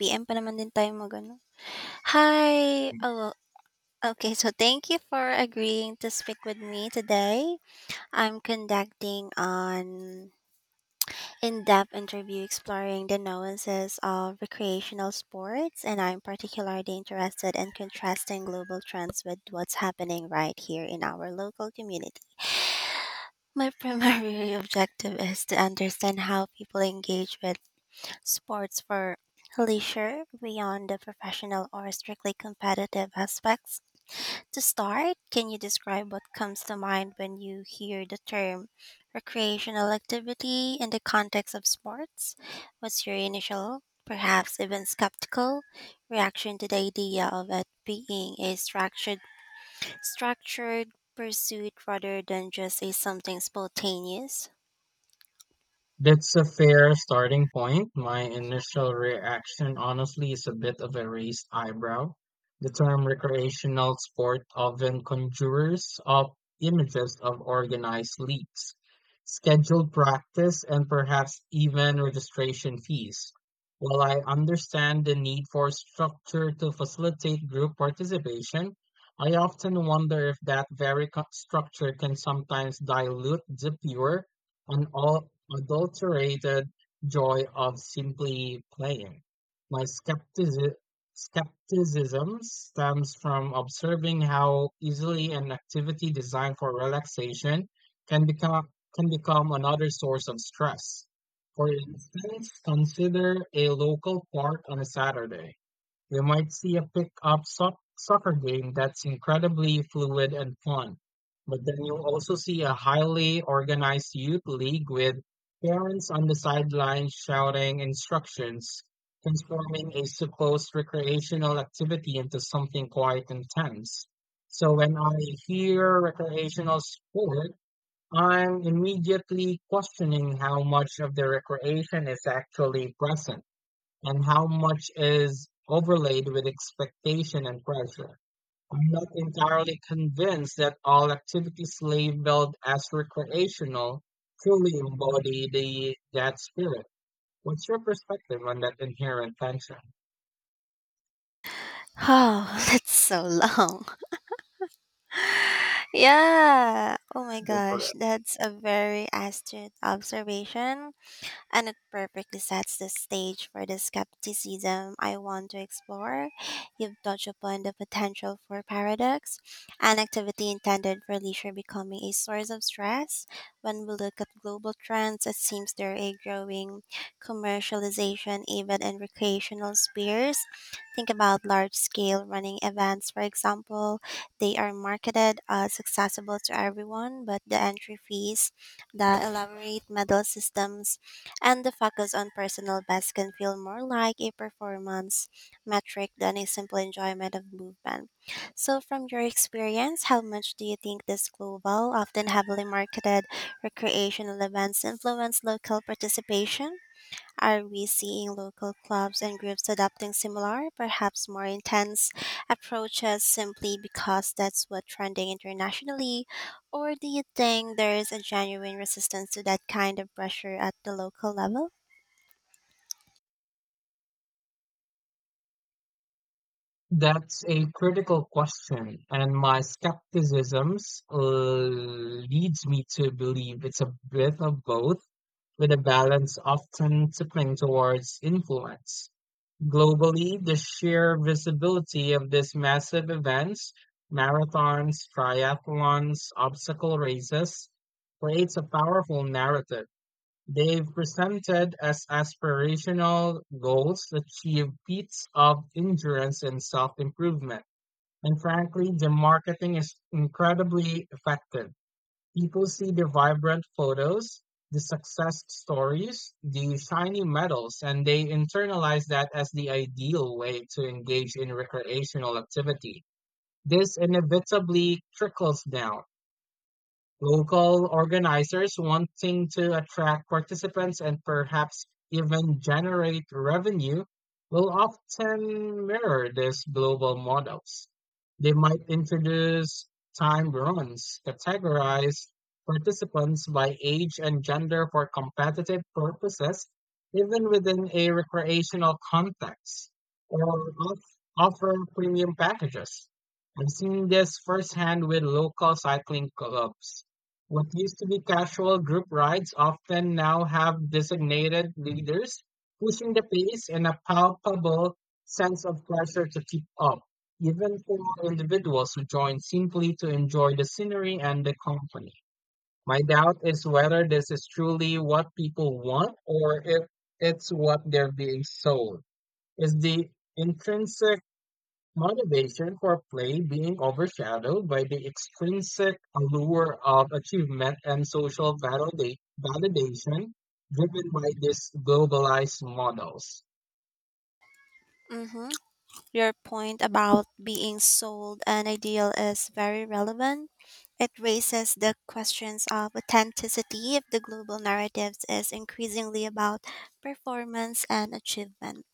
PM pa naman din tayo mag-ano. Hi! Oh, well, okay. So, thank you for agreeing to speak with me today. I'm conducting an in-depth interview exploring the nuances of recreational sports, and I'm particularly interested in contrasting global trends with what's happening right here in our local community. My primary objective is to understand how people engage with sports for leisure beyond the professional or strictly competitive aspects. To start, can you describe what comes to mind when you hear the term recreational activity in the context of sports? What's your initial, perhaps even skeptical, reaction to the idea of it being a structured pursuit rather than just a something spontaneous? That's a fair starting point. My initial reaction, honestly, is a bit of a raised eyebrow. The term recreational sport often conjures up images of organized leagues, scheduled practice, and perhaps even registration fees. While I understand the need for structure to facilitate group participation, I often wonder if that very structure can sometimes dilute the pure an all adulterated joy of simply playing. My skepticism stems from observing how easily an activity designed for relaxation can become can become another source of stress. For instance, consider a local park on a Saturday. We might see a pick-up soccer game that's incredibly fluid and fun, but then you'll also see a highly organized youth league with parents on the sidelines shouting instructions, transforming a supposed recreational activity into something quite intense. So when I hear recreational sport, I'm immediately questioning how much of the recreation is actually present and how much is overlaid with expectation and pressure. I'm not entirely convinced that all activities slave billed as recreational truly embody the that spirit. What's your perspective on that inherent tension? Oh, that's so long. Yeah. Oh my Go for gosh, it. that's a very astute observation, and it perfectly sets the stage for the skepticism I want to explore. You've touched upon the potential for paradox, an activity intended for leisure becoming a source of stress. When we look at global trends, it seems there are a growing commercialization even in recreational spheres. Think about large scale running events, for example. They are marketed as accessible to everyone, but the entry fees, the elaborate medal systems, and the focus on personal best can feel more like a performance metric than a simple enjoyment of movement. So, from your experience, how much do you think these global, often heavily marketed recreational events influence local participation? Are we seeing local clubs and groups adopting similar, perhaps more intense approaches simply because that's what's trending internationally? Or do you think there is a genuine resistance to that kind of pressure at the local level? That's a critical question, and my skepticism leads me to believe it's a bit of both, with a balance often tipping towards influence. Globally, the sheer visibility of these massive events, marathons, triathlons, obstacle races, creates a powerful narrative. They've presented as aspirational goals that achieve feats of endurance and self improvement. And frankly, the marketing is incredibly effective. People see the vibrant photos, the success stories, the shiny medals, and they internalize that as the ideal way to engage in recreational activity. This inevitably trickles down. Local organizers wanting to attract participants and perhaps even generate revenue will often mirror these global models. They might introduce time runs, categorize participants by age and gender for competitive purposes, even within a recreational context, or off- offer premium packages. I've seen this firsthand with local cycling clubs what used to be casual group rides often now have designated leaders, pushing the pace and a palpable sense of pressure to keep up, even for individuals who join simply to enjoy the scenery and the company. My doubt is whether this is truly what people want or if it's what they're being sold. Is the intrinsic motivation for play being overshadowed by the extrinsic allure of achievement and social validation driven by these globalized models. Mm-hmm. Your point about being sold an ideal is very relevant. It raises the questions of authenticity if the global narrative is increasingly about performance and achievement.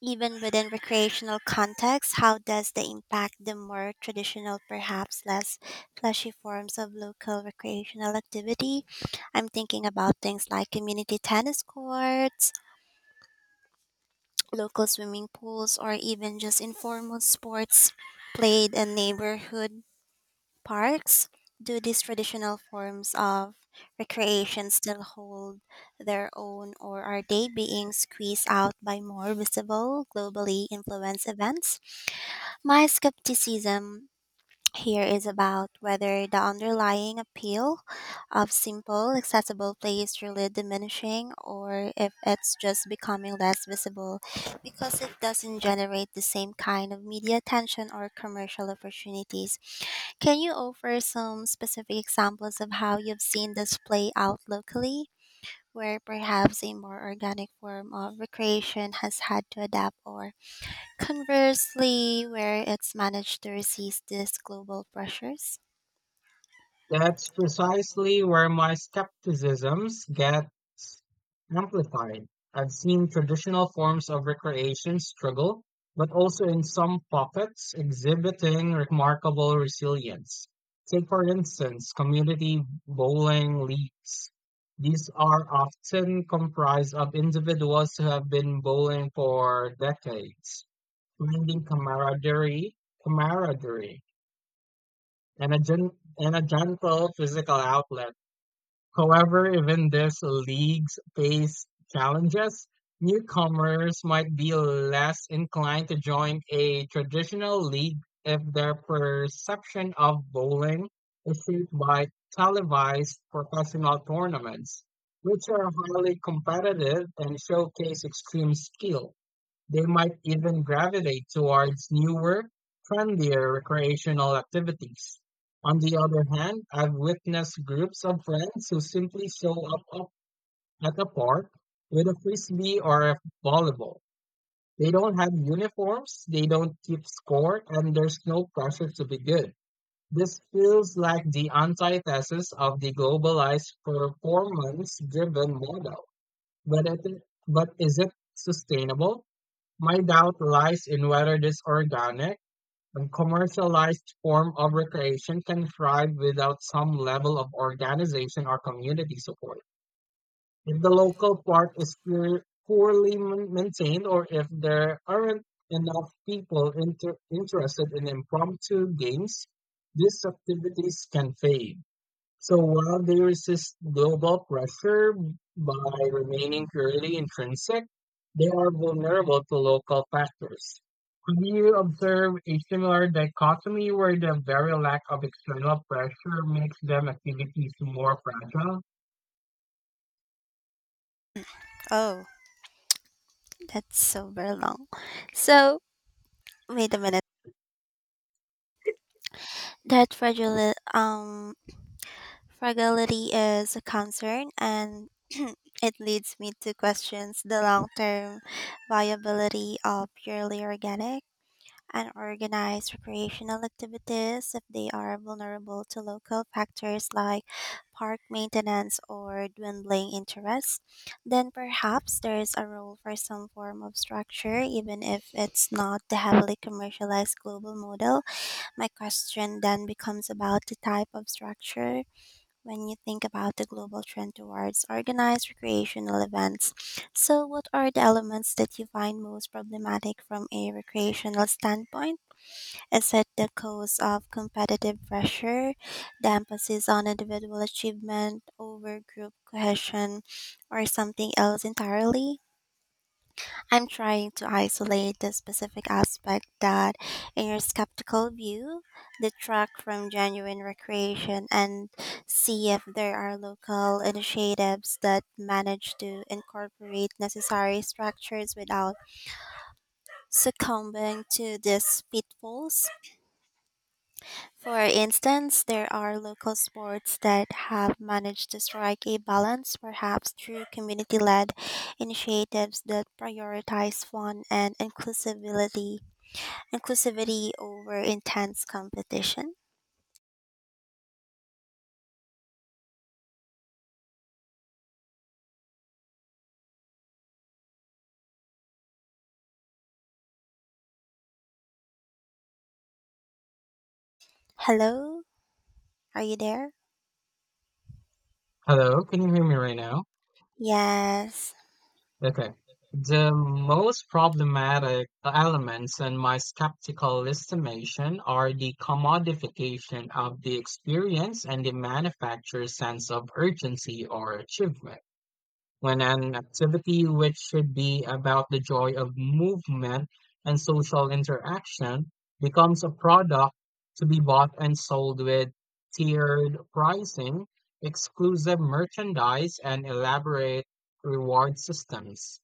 Even within recreational contexts, how does they impact the more traditional, perhaps less fleshy forms of local recreational activity? I'm thinking about things like community tennis courts, local swimming pools, or even just informal sports played in neighborhood parks. Do these traditional forms of recreation still hold their own, or are they being squeezed out by more visible, globally influenced events? My skepticism here is about whether the underlying appeal of simple, accessible play is really diminishing or if it's just becoming less visible because it doesn't generate the same kind of media attention or commercial opportunities. Can you offer some specific examples of how you've seen this play out locally, where perhaps a more organic form of recreation has had to adapt or, conversely, where it's managed to resist these global pressures? That's precisely where my skepticisms gets amplified. I've seen traditional forms of recreation struggle, but also in some pockets exhibiting remarkable resilience. Take, for instance, community bowling leagues. These are often comprised of individuals who have been bowling for decades, finding camaraderie, and a, gen- and a gentle physical outlet. However, even these leagues face challenges. Newcomers might be less inclined to join a traditional league if their perception of bowling is shaped by televised professional tournaments, which are highly competitive and showcase extreme skill. They might even gravitate towards newer, friendlier recreational activities. On the other hand, I've witnessed groups of friends who simply show up at the park with a frisbee or a volleyball. They don't have uniforms, they don't keep score, and there's no pressure to be good. This feels like the antithesis of the globalized performance driven model. But, it, but is it sustainable? My doubt lies in whether this organic and commercialized form of recreation can thrive without some level of organization or community support. If the local park is poorly maintained or if there aren't enough people interested in impromptu games, these activities can fade. So while there is this global pressure by remaining purely intrinsic, they are vulnerable to local factors. Have you observed a similar dichotomy where the very lack of external pressure makes them activities more fragile? Oh, that's so very long. So, wait a minute. That fragile, fragility is a concern, and it leads me to questions the long term viability of purely organic and organize recreational activities. If they are vulnerable to local factors like park maintenance or dwindling interest, then perhaps there is a role for some form of structure, even if it's not the heavily commercialized global model. My question then becomes about the type of structure when you think about the global trend towards organized recreational events. So, what are the elements that you find most problematic from a recreational standpoint? Is it the cause of competitive pressure, the emphasis on individual achievement over group cohesion, or something else entirely? I'm trying to isolate the specific aspect that, in your skeptical view, detract from genuine recreation and see if there are local initiatives that manage to incorporate necessary structures without succumbing to these pitfalls. For instance, there are local sports that have managed to strike a balance, perhaps through community led initiatives that prioritize fun and inclusivity over intense competition. Hello, are you there? Hello, can you hear me right now? Yes, Okay. The most problematic elements in my skeptical estimation are the commodification of the experience and the manufacturer's sense of urgency or achievement. When an activity which should be about the joy of movement and social interaction becomes a product to be bought and sold with tiered pricing, exclusive merchandise, and elaborate reward systems.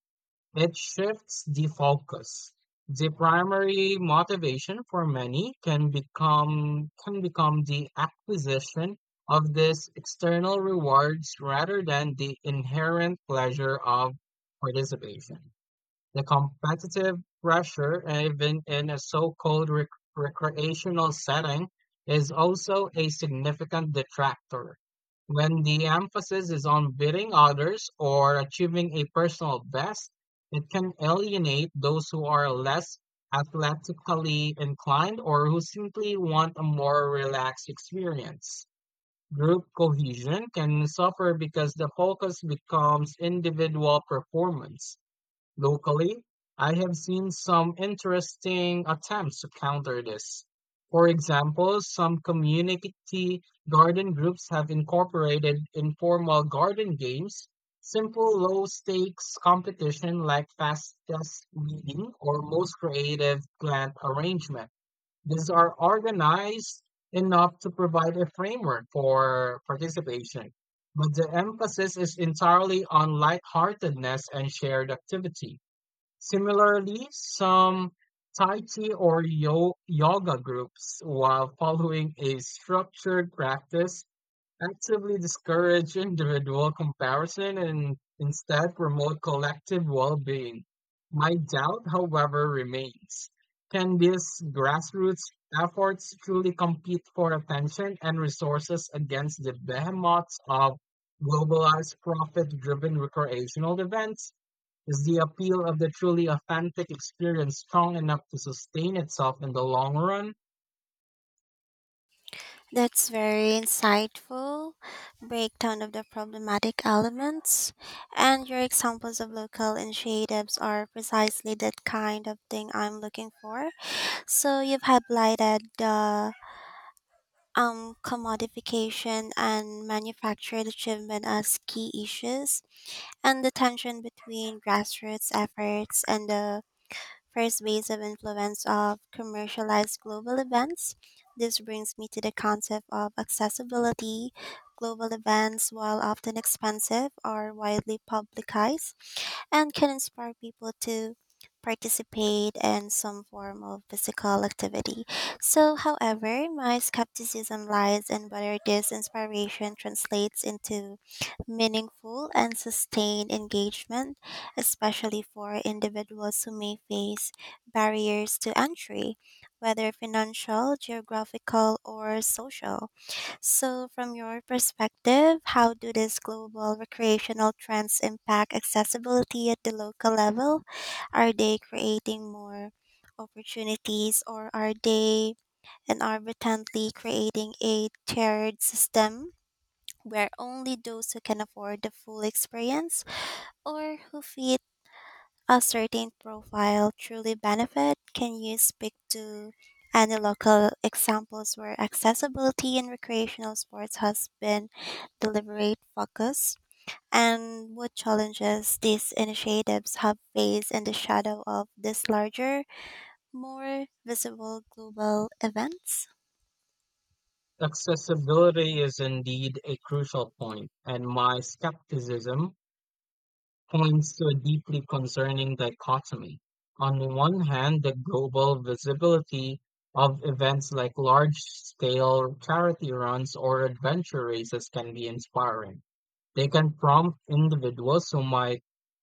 It shifts the focus. The primary motivation for many can become the acquisition of these external rewards rather than the inherent pleasure of participation. The competitive pressure, even in a so-called recreational setting, is also a significant detractor. When the emphasis is on beating others or achieving a personal best, it can alienate those who are less athletically inclined or who simply want a more relaxed experience. Group cohesion can suffer because the focus becomes individual performance. Locally, I have seen some interesting attempts to counter this. For example, some community garden groups have incorporated informal garden games, simple low stakes competition like fastest weeding or most creative plant arrangement. These are organized enough to provide a framework for participation, but the emphasis is entirely on lightheartedness and shared activity. Similarly, some Tai Chi or yoga groups, while following a structured practice, actively discourage individual comparison and instead promote collective well being. My doubt, however, remains, can these grassroots efforts truly compete for attention and resources against the behemoths of globalized profit driven recreational events? Is the appeal of the truly authentic experience strong enough to sustain itself in the long run? that's very insightful breakdown of the problematic elements. And your examples of local initiatives are precisely that kind of thing I'm looking for. So you've highlighted the commodification and manufactured achievement as key issues, and the tension between grassroots efforts and the first base of influence of commercialized global events. This brings me to the concept of accessibility. Global events, while often expensive, are widely publicized and can inspire people to participate in some form of physical activity. So, however, my skepticism lies in whether this inspiration translates into meaningful and sustained engagement, especially for individuals who may face barriers to entry, whether financial, geographical, or social. So, from your perspective, how do these global recreational trends impact accessibility at the local level? Are they creating more opportunities or are they inadvertently creating a tiered system where only those who can afford the full experience or who fit a certain profile truly benefit? Can you speak to any local examples where accessibility in recreational sports has been deliberate focus? And what challenges these initiatives have faced in the shadow of these larger, more visible global events? Accessibility is indeed a crucial point, and my skepticism points to a deeply concerning dichotomy. On one hand, the global visibility of events like large scale charity runs or adventure races can be inspiring. They can prompt individuals who might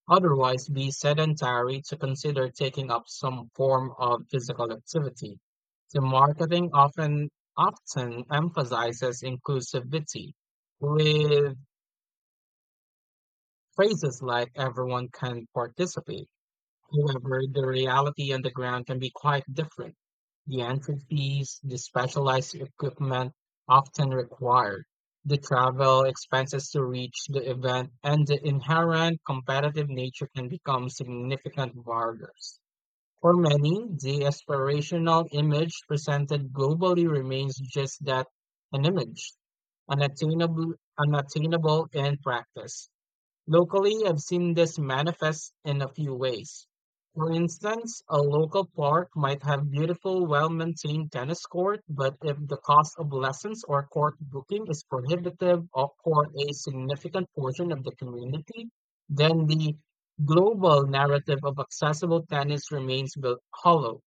otherwise be sedentary to consider taking up some form of physical activity. The marketing often emphasizes inclusivity with phrases like everyone can participate. However, the reality on the ground can be quite different. The entry fees, the specialized equipment often required, the travel expenses to reach the event, and the inherent competitive nature can become significant barriers. For many, the aspirational image presented globally remains just that, an image, unattainable in practice. Locally, I've seen this manifest in a few ways. For instance, a local park might have beautiful, well-maintained tennis court, but if the cost of lessons or court booking is prohibitive or for a significant portion of the community, then the global narrative of accessible tennis remains hollow.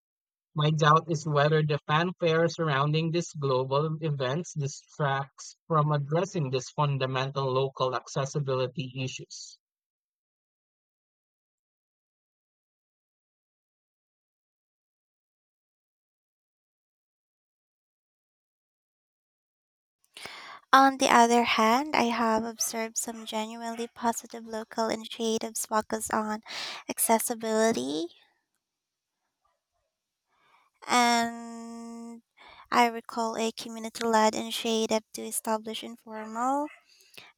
My doubt is whether the fanfare surrounding these global events distracts from addressing these fundamental local accessibility issues. On the other hand, I have observed some genuinely positive local initiatives focused on accessibility. And I recall a community led initiative to establish informal,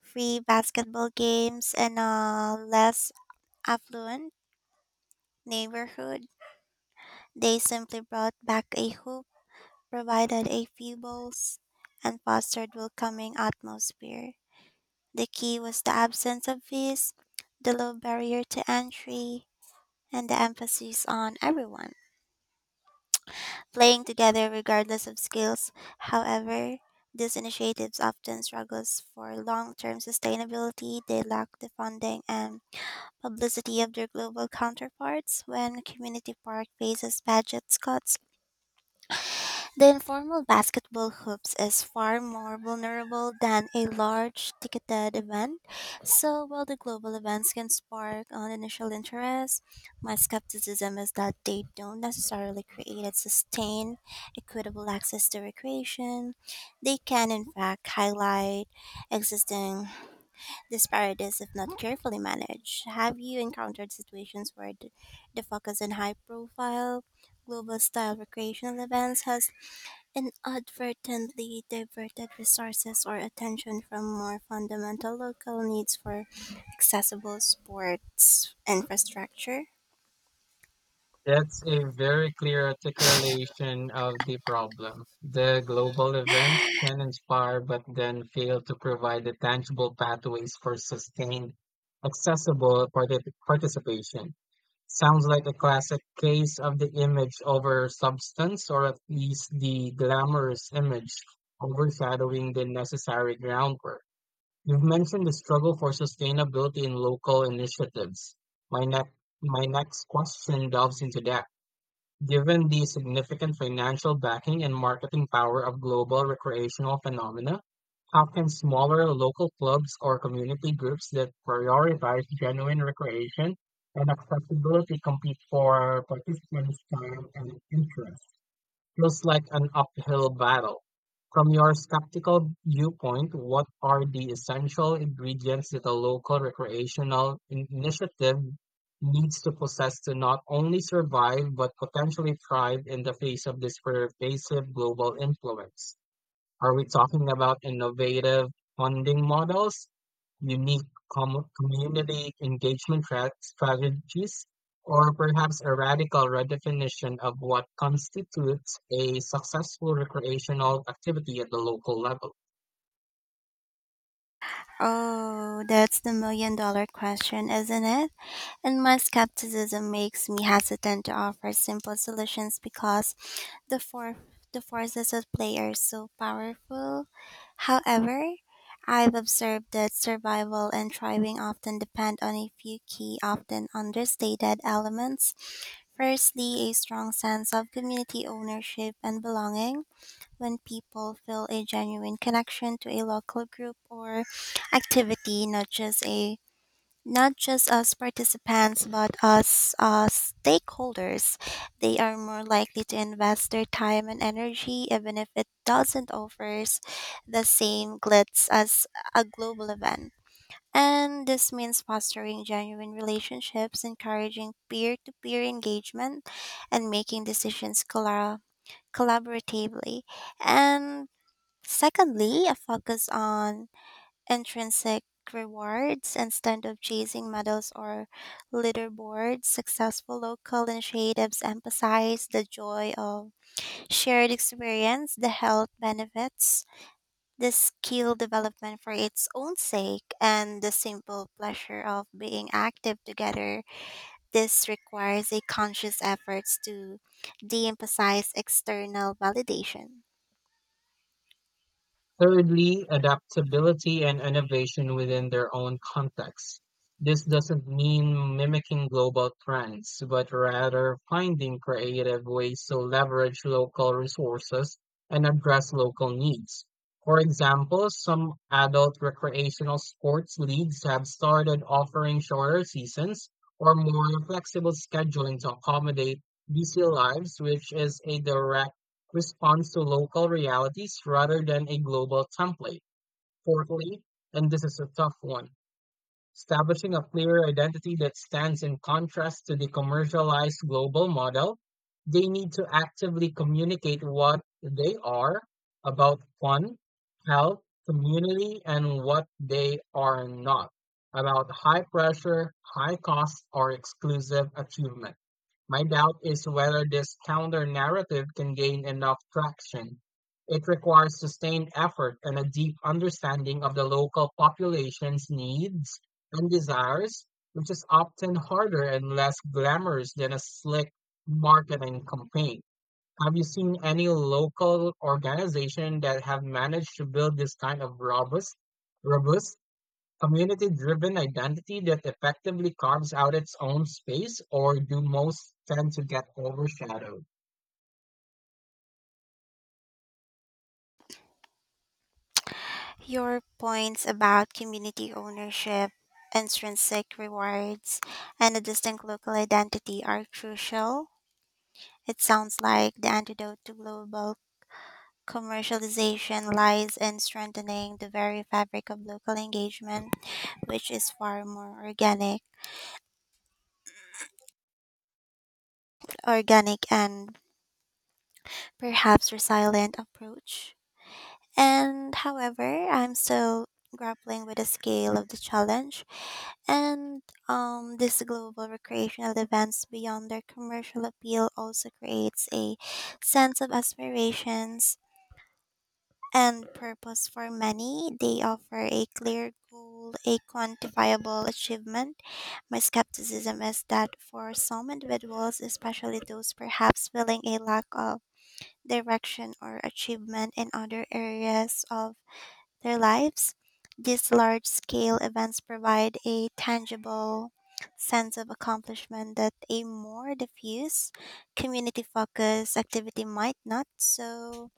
free basketball games in a less affluent neighborhood. They simply brought back a hoop, provided a few balls, and fostered welcoming atmosphere. The key was the absence of fees, the low barrier to entry, and the emphasis on everyone playing together regardless of skills. However, these initiatives often struggles for long-term sustainability. They lack the funding and publicity of their global counterparts. When community park faces budget cuts, the informal basketball hoops is far more vulnerable than a large ticketed event. So while the global events can spark an initial interest, my skepticism is that they don't necessarily create a sustained, equitable access to recreation. They can in fact highlight existing disparities if not carefully managed. Have you encountered situations where the focus on high profile global style recreational events has inadvertently diverted resources or attention from more fundamental local needs for accessible sports infrastructure? That's a very clear articulation of the problem. The global events can inspire but then fail to provide the tangible pathways for sustained, accessible participation. Sounds like a classic case of the image over substance, or at least the glamorous image overshadowing the necessary groundwork. You've mentioned the struggle for sustainability in local initiatives. My, ne- my next question delves into that. Given the significant financial backing and marketing power of global recreational phenomena, how can smaller local clubs or community groups that prioritize genuine recreation and accessibility compete for participants' time and interest? Feels like an uphill battle. From your skeptical viewpoint, what are the essential ingredients that a local recreational initiative needs to possess to not only survive but potentially thrive in the face of this pervasive global influence? Are we talking about innovative funding models, unique community engagement strategies, or perhaps a radical redefinition of what constitutes a successful recreational activity at the local level? Oh, that's the million dollar question, isn't it? And my skepticism makes me hesitant to offer simple solutions because the for- the forces at play are so powerful. However, I've observed that survival and thriving often depend on a few key, often understated elements. Firstly, a strong sense of community ownership and belonging. When people feel a genuine connection to a local group or activity, not just as participants but as stakeholders, they are more likely to invest their time and energy even if it doesn't offers the same glitz as a global event. And this means fostering genuine relationships, encouraging peer to peer engagement, and making decisions collaboratively. And secondly, a focus on intrinsic rewards instead of chasing medals or leaderboards. Successful local initiatives emphasize the joy of shared experience, the health benefits, the skill development for its own sake, and the simple pleasure of being active together. This requires a conscious effort to de emphasize external validation. Thirdly, adaptability and innovation within their own context. This doesn't mean mimicking global trends, but rather finding creative ways to leverage local resources and address local needs. For example, some adult recreational sports leagues have started offering shorter seasons or more flexible scheduling to accommodate busy lives, which is a direct responds to local realities rather than a global template. Fourthly, and this is a tough one, establishing a clear identity that stands in contrast to the commercialized global model. They need to actively communicate what they are about: fun, health, community, and what they are not about: high pressure, high cost, or exclusive achievement. My doubt is whether this counter-narrative can gain enough traction. It requires sustained effort and a deep understanding of the local population's needs and desires, which is often harder and less glamorous than a slick marketing campaign. Have you seen any local organization that have managed to build this kind of robust community-driven identity that effectively carves out its own space or do most tend to get overshadowed? Your points about community ownership, intrinsic rewards, and a distinct local identity are crucial. It sounds like the antidote to global commercialization lies in strengthening the very fabric of local engagement, which is far more organic and perhaps resilient approach. And however, I'm still grappling with the scale of the challenge. And these global recreational events beyond their commercial appeal also creates a sense of aspirations and purpose for many. They offer a clear goal, a quantifiable achievement. My skepticism is that for some individuals, especially those perhaps feeling a lack of direction or achievement in other areas of their lives, these large scale events provide a tangible sense of accomplishment that a more diffuse, community focused activity might not. So,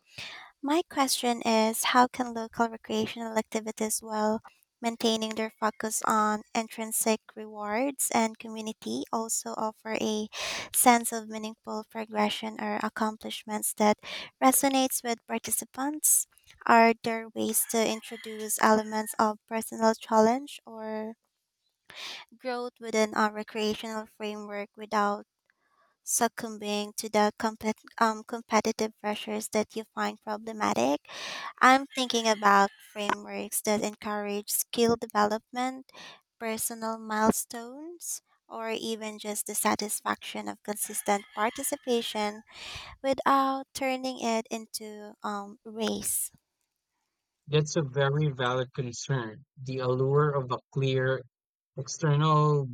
my question is how can local recreational activities, while maintaining their focus on intrinsic rewards and community, also offer a sense of meaningful progression or accomplishments that resonates with participants? Are there ways to introduce elements of personal challenge or growth within a recreational framework without succumbing to the competitive pressures that you find problematic? I'm thinking about frameworks that encourage skill development, personal milestones, or even just the satisfaction of consistent participation without turning it into race. That's a very valid concern. The allure of a clear external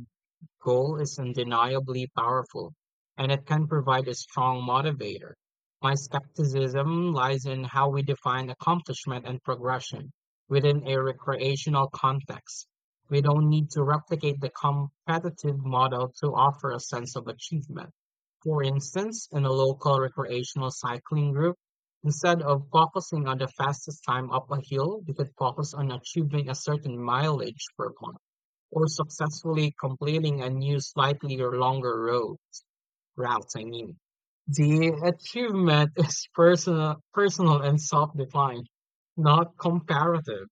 goal is undeniably powerful, and it can provide a strong motivator. My skepticism lies in how we define accomplishment and progression within a recreational context. We don't need to replicate the competitive model to offer a sense of achievement. For instance, in a local recreational cycling group, instead of focusing on the fastest time up a hill, we could focus on achieving a certain mileage per month or successfully completing a new slightly or longer road routes, I mean. The achievement is personal and self-defined, not comparative.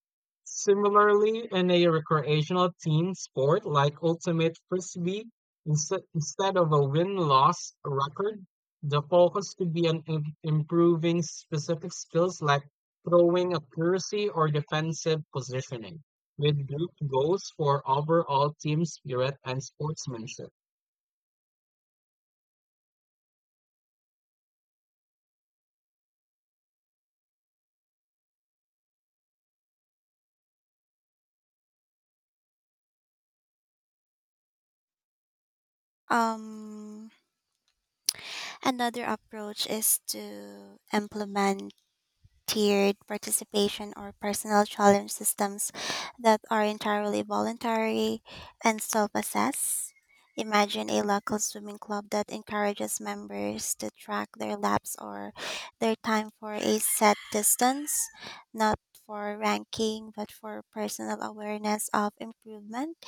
Similarly, in a recreational team sport like Ultimate Frisbee, instead of a win-loss record, the focus could be on improving specific skills like throwing accuracy or defensive positioning, with group goals for overall team spirit and sportsmanship. Um, Another approach is to implement tiered participation or personal challenge systems that are entirely voluntary and self assess. Imagine a local swimming club that encourages members to track their laps or their time for a set distance, not for ranking, but for personal awareness of improvement.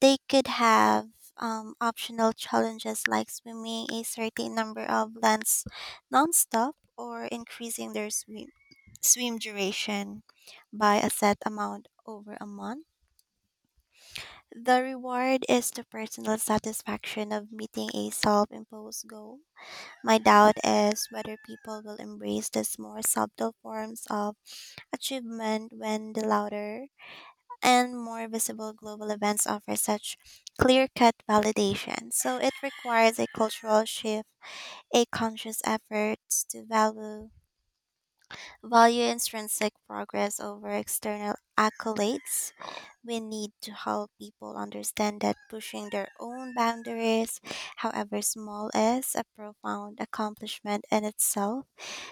They could have optional challenges like swimming a certain number of laps nonstop or increasing their swim duration by a set amount over a month. The reward is the personal satisfaction of meeting a self imposed goal. My doubt is whether people will embrace these more subtle forms of achievement when the louder and more visible global events offer such clear cut validation. So it requires a cultural shift, a conscious effort to value intrinsic progress over external accolades. We need to help people understand that pushing their own boundaries, however small, is a profound accomplishment in itself.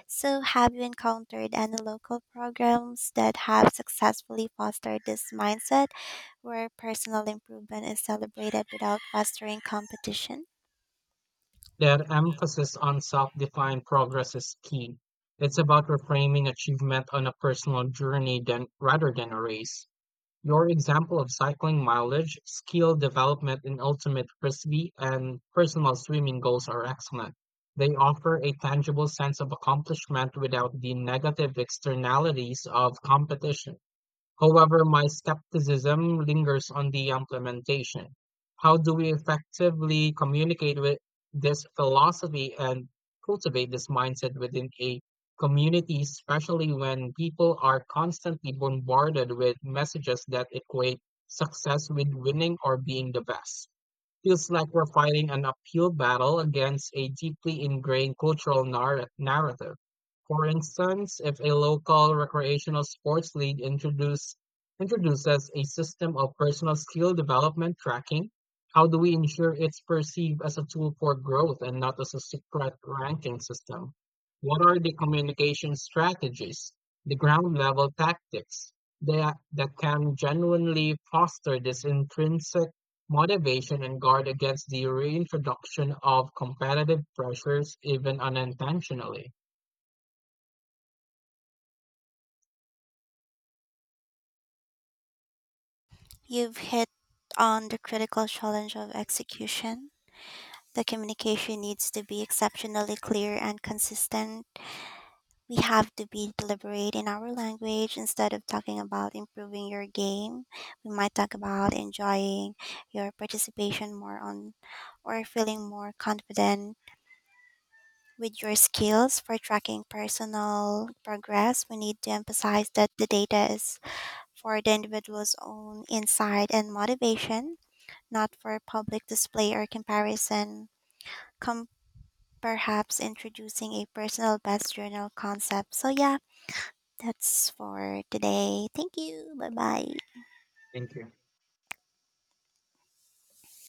So, have you encountered any local programs that have successfully fostered this mindset where personal improvement is celebrated without fostering competition? Their emphasis on self-defined progress is key. It's about reframing achievement on a personal journey than, rather than a race. Your example of cycling mileage, skill development in ultimate frisbee, and personal swimming goals are excellent. They offer a tangible sense of accomplishment without the negative externalities of competition. However, my skepticism lingers on the implementation. How do we effectively communicate with this philosophy and cultivate this mindset within a community, especially when people are constantly bombarded with messages that equate success with winning or being the best? Feels like we're fighting an uphill battle against a deeply ingrained cultural narrative. For instance, if a local recreational sports league introduces a system of personal skill development tracking, how do we ensure it's perceived as a tool for growth and not as a secret ranking system? What are the communication strategies, the ground level tactics that can genuinely foster this intrinsic motivation and guard against the reintroduction of competitive pressures even unintentionally. You've hit on the critical challenge of execution. The communication needs to be exceptionally clear and consistent. We have to be deliberate in our language. Instead of talking about improving your game, we might talk about enjoying your participation more on or feeling more confident with your skills. For tracking personal progress, we need to emphasize that the data is for the individual's own insight and motivation, not for public display or comparison. Com- Perhaps introducing a personal best journal concept. So yeah, that's for today. Thank you. Bye-bye. Thank you.